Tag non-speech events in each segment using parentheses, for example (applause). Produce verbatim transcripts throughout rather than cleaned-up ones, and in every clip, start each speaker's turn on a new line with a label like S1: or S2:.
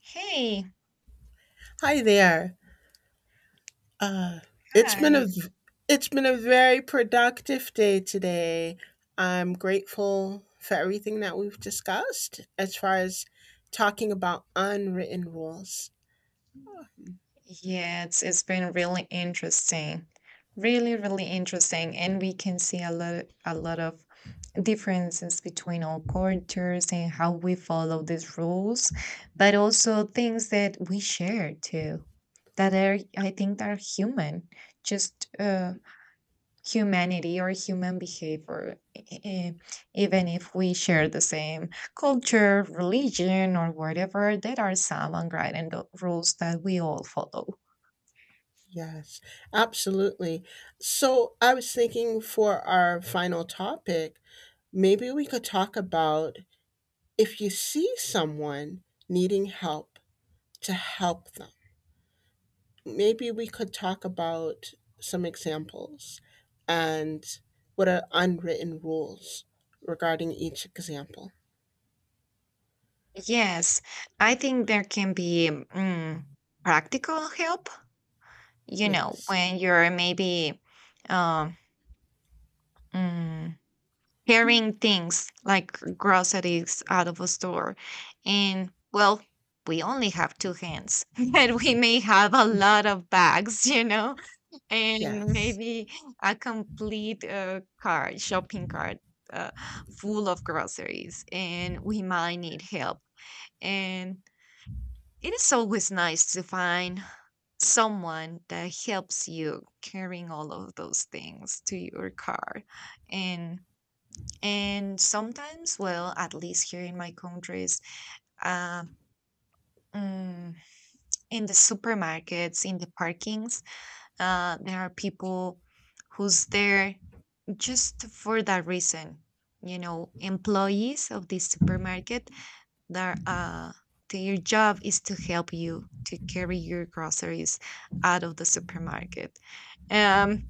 S1: Hey,
S2: Hi there. Uh, it's been a
S1: hi.
S2: v- it's been a very productive day today. I'm grateful for everything that we've discussed as far as talking about unwritten rules.
S1: Yeah, it's it's been really interesting. Really, really interesting. And we can see a lot a lot of differences between our cultures and how we follow these rules, but also things that we share too, that are I think that are human. Just uh humanity or human behavior, e- e- even if we share the same culture, religion, or whatever, there are some unwritten do- rules that we all follow.
S2: Yes, absolutely. So I was thinking for our final topic, maybe we could talk about if you see someone needing help, to help them. Maybe we could talk about some examples and what are unwritten rules regarding each example.
S1: Yes, I think there can be mm, practical help, you know,
S2: Yes.
S1: when you're maybe um, mm, carrying things like groceries out of a store. And well, we only have two hands, (laughs) and we may have a lot of bags, you know? And
S2: Yes.
S1: maybe a complete uh, cart, shopping cart uh, full of groceries, and we might need help. And it is always nice to find someone that helps you carrying all of those things to your car. And and sometimes, well, at least here in my countries, uh, mm, in the supermarkets, in the parkings, uh, there are people who's there just for that reason, you know employees of this supermarket. Their uh their job is to help you to carry your groceries out of the supermarket. um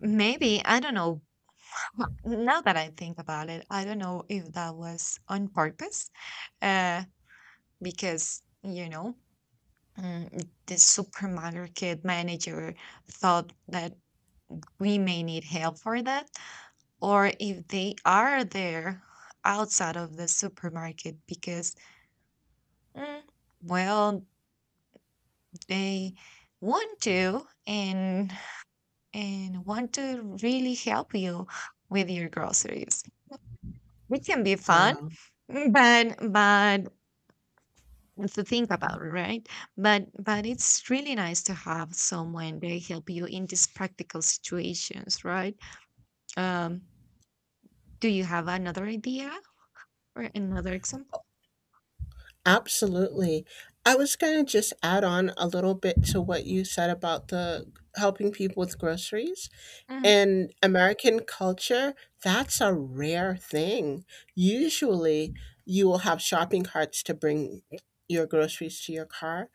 S1: Maybe I don't know. (laughs) Now that I think about it, I don't know if that was on purpose, uh because you know mm, the supermarket manager thought that we may need help for that, or if they are there outside of the supermarket because, mm, well, they want to, and and want to really help you with your groceries. It can be fun.
S2: Wow.
S1: (laughs) mm, but but to think about, right? But but it's really nice to have someone they help you in these practical situations, right? um do you have another idea or another example?
S2: Absolutely. I was going to just add on a little bit to what you said about the helping people with groceries.
S1: Mhm.
S2: In American culture, that's a rare thing. Usually, you will have shopping carts to bring your groceries to your car,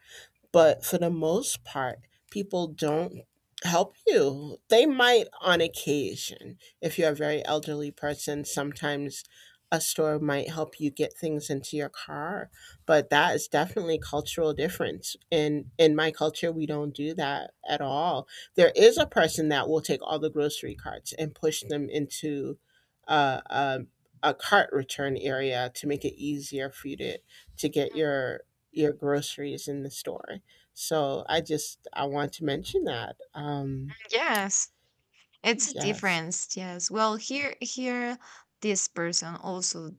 S2: but for the most part, people don't help you. They might on occasion. If you're a very elderly person, sometimes a store might help you get things into your car, but that is definitely cultural difference. In in my culture, we don't do that at all. There is a person that will take all the grocery carts and push them into uh, a, a cart return area to make it easier for you to to get your your groceries in the store. So I just I want to mention that. Um,
S1: Yes. It's a
S2: yes,
S1: difference, yes. Well, here here this person also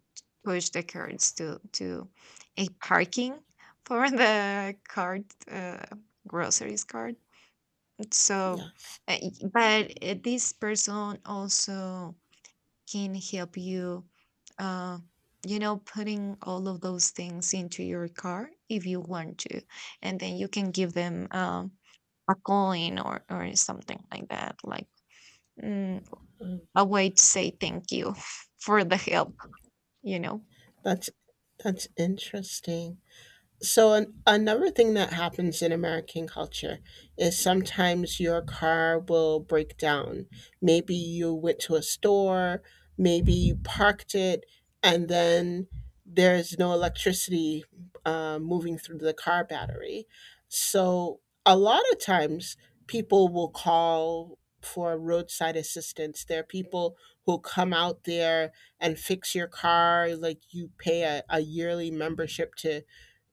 S1: pushed the cards to to a parking (laughs) for the card uh, groceries card. So,
S2: yes.
S1: uh, y- but uh, this person also can help you, uh, you know, putting all of those things into your car if you want to, and then you can give them um, a coin or or something like that, like, mm,
S2: Mm.
S1: a way to say thank you (laughs) for the help, you know?
S2: that's that's interesting. So an, another thing that happens in American culture is sometimes your car will break down. Maybe you went to a store, maybe you parked it, and then there's no electricity uh, moving through the car battery. So a lot of times people will call for roadside assistance. There are people who come out there and fix your car. Like, you pay a, a yearly membership to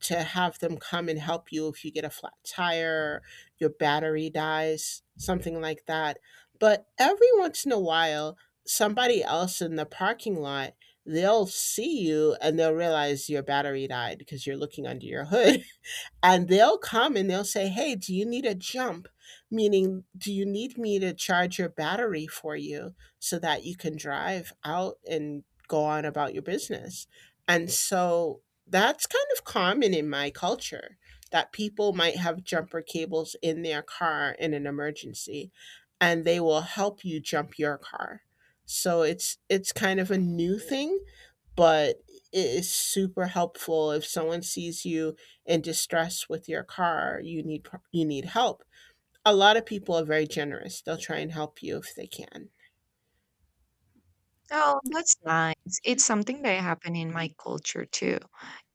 S2: to have them come and help you if you get a flat tire, your battery dies, something like that. But every once in a while, somebody else in the parking lot, they'll see you and they'll realize your battery died because you're looking under your hood, and they'll come and they'll say, "Hey, do you need a jump?" Meaning, do you need me to charge your battery for you so that you can drive out and go on about your business? And so that's kind of common in my culture, that people might have jumper cables in their car in an emergency and they will help you jump your car. So it's it's kind of a new thing, but it is super helpful if someone sees you in distress with your car, you need pro- you need help. A lot of people are very generous. They'll try and help you if they can.
S1: Oh, that's nice. It's something that happened in my culture too.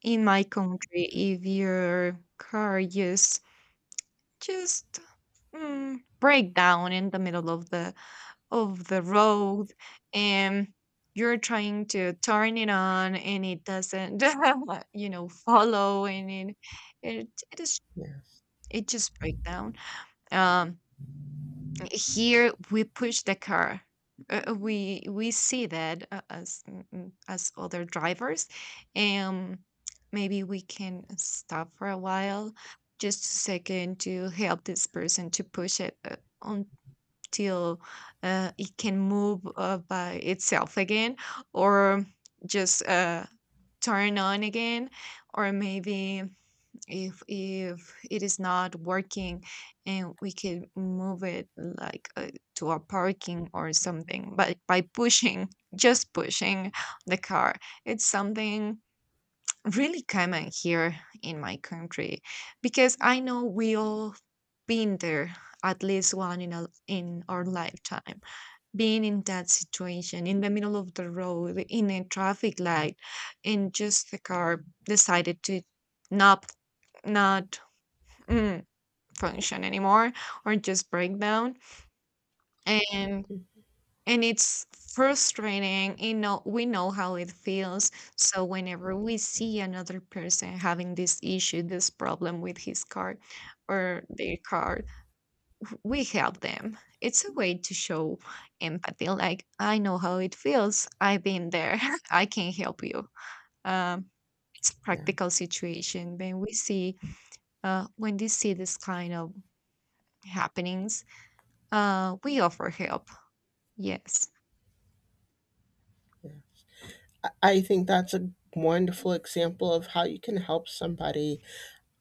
S1: In my country, if your car just just mm, break down in the middle of the of the road, and you're trying to turn it on and it doesn't, (laughs) you know follow, and it it, it is,
S2: Yeah,
S1: it just break down. Um Here we push the car. Uh, we we see that uh, as mm, mm, as other drivers, and maybe we can stop for a while, just a second to help this person to push it, uh, until uh, it can move uh, by itself again, or just uh, turn on again, or maybe if if it is not working, and we can move it like uh, to a parking or something, but by pushing, (laughs) just pushing the car. It's something really common here in my country because I know we all been there at least one in, a, in our lifetime, being in that situation in the middle of the road in a traffic light, and just the car decided to not not mm, function anymore or just breakdown. and and it's frustrating. You know we know how it feels. So whenever we see another person having this issue this problem with his car or their car, we help them. It's a way to show empathy, like I know how it feels, I've been there. (laughs) I can help you. um it's
S2: yeah,
S1: practical situation when we see uh when they see this kind of happenings. Uh, we offer help. Yes.
S2: yeah. I I think that's a wonderful example of how you can help somebody.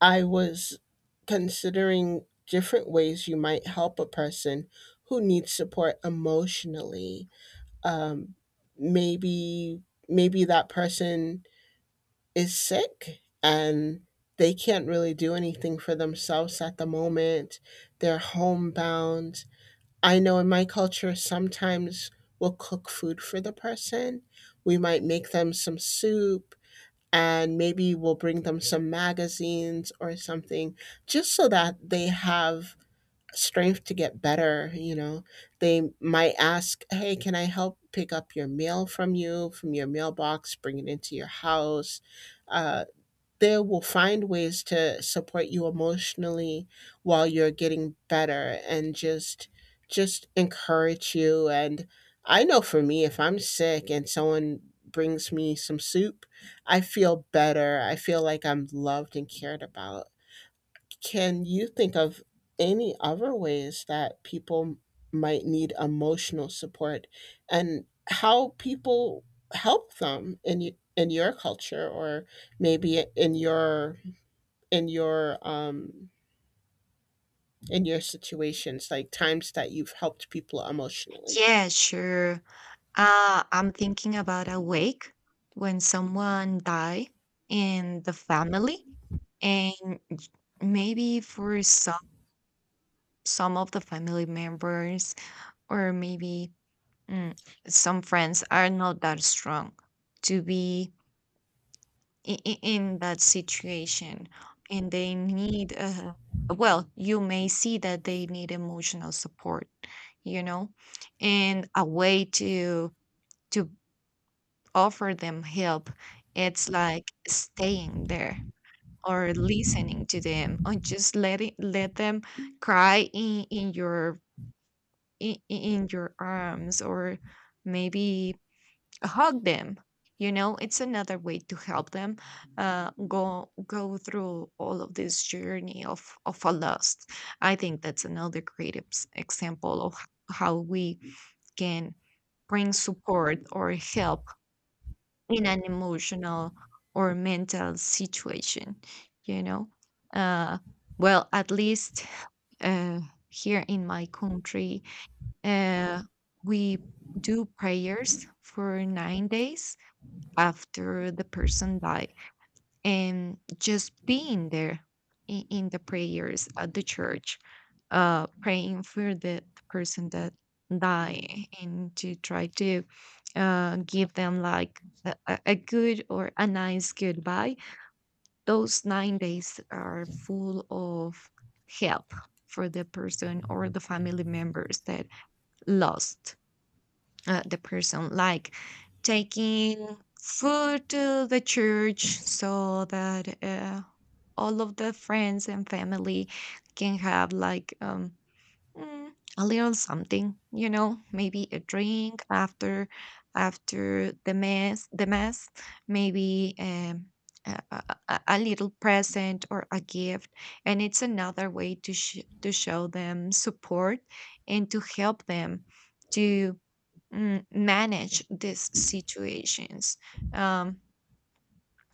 S2: I was considering different ways you might help a person who needs support emotionally. Um, maybe maybe that person is sick and they can't really do anything for themselves at the moment. They're homebound. I know in my culture, sometimes we'll cook food for the person. We might make them some soup and maybe we'll bring them some magazines or something, just so that they have strength to get better. You know, they might ask, "Hey, can I help pick up your mail from you, from your mailbox, bring it into your house?" Uh, they will find ways to support you emotionally while you're getting better, and just just encourage you. And I know, for me, if I'm sick and someone brings me some soup, I feel better. I feel like I'm loved and cared about. Can you think of any other ways that people might need emotional support and how people help them in y- in your culture, or maybe in your in your um in your situations, like times that you've helped people emotionally?
S1: Yeah, sure. Uh, I'm thinking about a wake when someone die in the family, and maybe for some some of the family members, or maybe mm, some friends are not that strong to be i- i- in that situation, and they need, uh, well, you may see that they need emotional support, you know and a way to to offer them help. It's like staying there, or listening to them, or just letting let them cry in, in your in, in your arms, or maybe hug them. You know it's another way to help them uh, go go through all of this journey of of a loss. I think that's another great ex- example of how we can bring support or help in an emotional or mental situation you know uh, well, at least, uh, here in my country, uh, we do prayers for nine days after the person died, and just being there in, in the prayers at the church, uh praying for the person that died, and to try to uh give them like a, a a good or a nice goodbye. Those nine days are full of help for the person or the family members that lost, uh, the person, like taking food to the church so that uh, all of the friends and family can have like um, Mm, a little something, you know, maybe a drink after after the mess, the mess, maybe um, a, a, a a little present or a gift. And it's another way to sh- to show them support and to help them to mm, manage these situations. Um,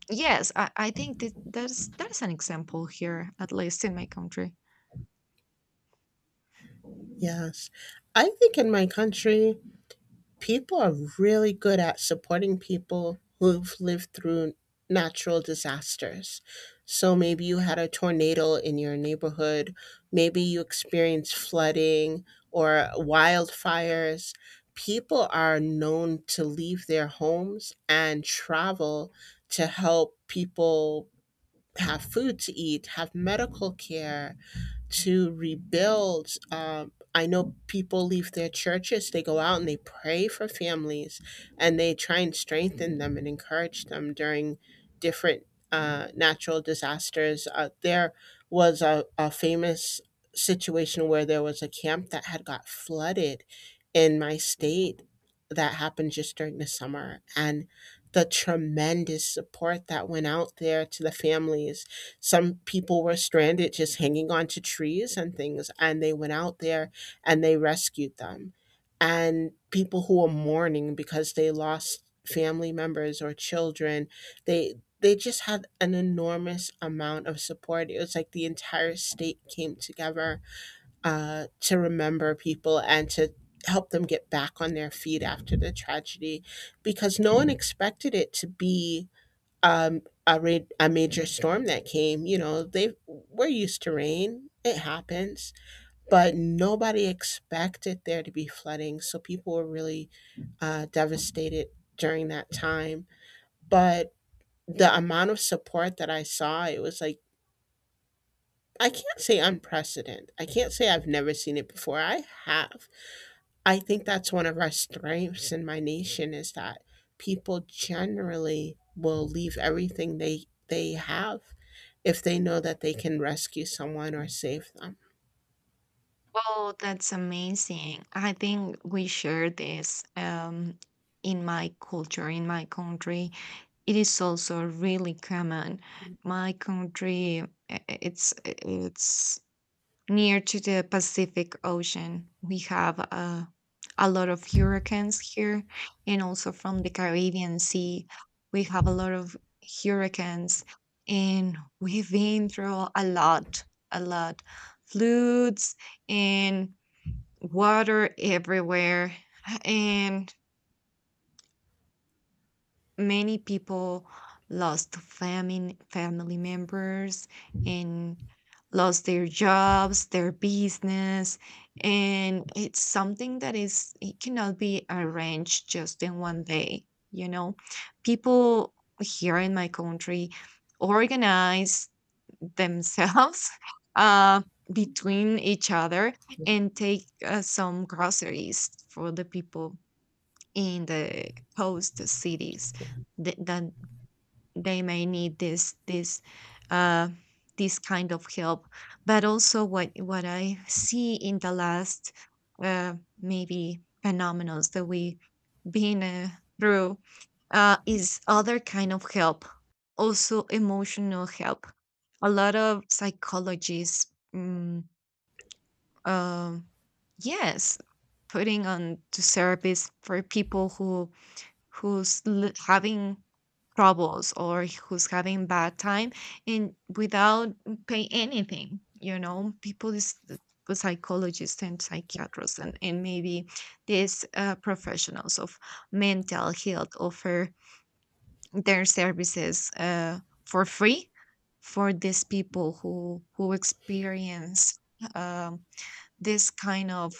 S1: Yes, I, I think that there's there's an example here, at least in my country.
S2: Yes, I think in my country, people are really good at supporting people who've lived through natural disasters. So maybe you had a tornado in your neighborhood, maybe you experienced flooding or wildfires. People are known to leave their homes and travel to help people have food to eat, have medical care, to rebuild. Um, I know people leave their churches, they go out and they pray for families, and they try and strengthen them and encourage them during different uh, natural disasters. Uh, there was a, a famous situation where there was a camp that had got flooded in my state that happened just during the summer. And the tremendous support that went out there to the families, some people were stranded just hanging onto trees and things, and they went out there and they rescued them. And people who were mourning because they lost family members or children, they they just had an enormous amount of support. It was like the entire state came together uh, to remember people and to help them get back on their feet after the tragedy, because no one expected it to be, um, a ra- a major storm that came. You know they we're used to rain, it happens, but nobody expected there to be flooding, so people were really uh, devastated during that time. But the amount of support that I saw, it was like, I can't say unprecedented, I can't say I've never seen it before, I have. I think that's one of our strengths in my nation, is that people generally will leave everything they they have if they know that they can rescue someone or save them.
S1: Well, that's amazing. I think we share this, um, in my culture, in my country. It is also really common. My country, uh, uh, it's it's near to the Pacific Ocean. We have uh, a lot of hurricanes here, and also from the Caribbean Sea, we have a lot of hurricanes, and we've been through a lot, a lot, floods and water everywhere. And many people lost famine, family members, and lost their jobs, their business. And it's something that is, it cannot be arranged just in one day, you know. People here in my country organize themselves, (laughs) uh, between each other, and take uh, some groceries for the people in the host cities. Th- That they may need this this uh, this kind of help. But also, what what I see in the last uh, maybe phenomenons that we've been uh, through, uh, is other kind of help, also emotional help. A lot of psychologists, mm, um, yes, putting on to service for people who who's l- having troubles, or who's having bad time, and without paying anything, you know people is with psychologists and psychiatrists, and, and maybe these uh, professionals of mental health offer their services, uh, for free, for these people who who experience um, this kind of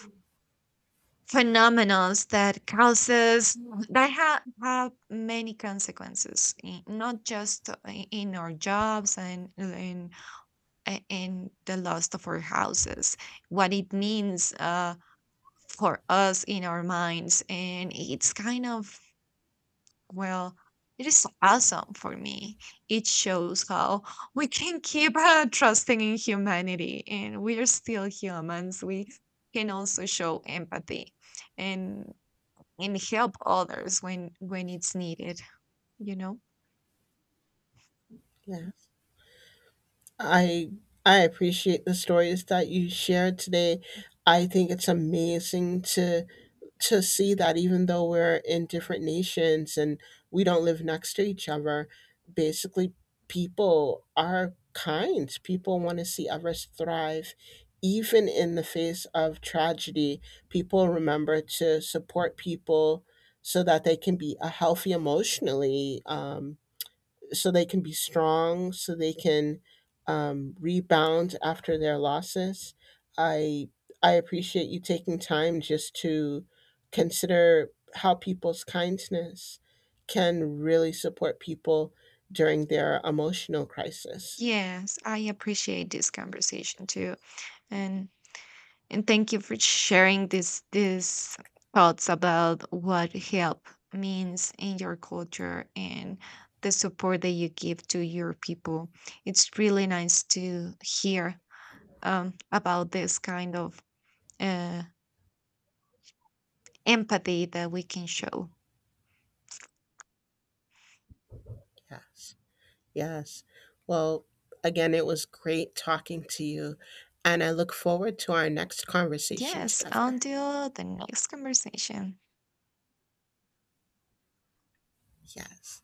S1: phenomenons that causes, that have, have many consequences in, not just uh, i- in our jobs, and in a- in the loss of our houses. What it means uh, for us in our minds. And it's kind of, well, it is awesome for me. It shows how we can keep uh, trusting in humanity, and we are still humans. We can also show empathy, and and help others when when it's needed you know
S2: Yeah. I I appreciate the stories that you shared today. I think it's amazing to to see that even though we're in different nations and we don't live next to each other, basically people are kind. People want to see others thrive. Even in the face of tragedy, people remember to support people so that they can be uh, healthy emotionally. Um, so they can be strong, so they can, um, rebound after their losses. I I appreciate you taking time just to consider how people's kindness can really support people during their emotional crisis.
S1: yes, I appreciate this conversation too, and and thank you for sharing this these thoughts about what help means in your culture, and the support that you give to your people. It's really nice to hear um, about this kind of uh, empathy that we can show.
S2: Yes, yes. Well, again, it was great talking to you, and I look forward to our next conversation
S1: Yes,
S2: together.
S1: until the next conversation.
S2: Yes,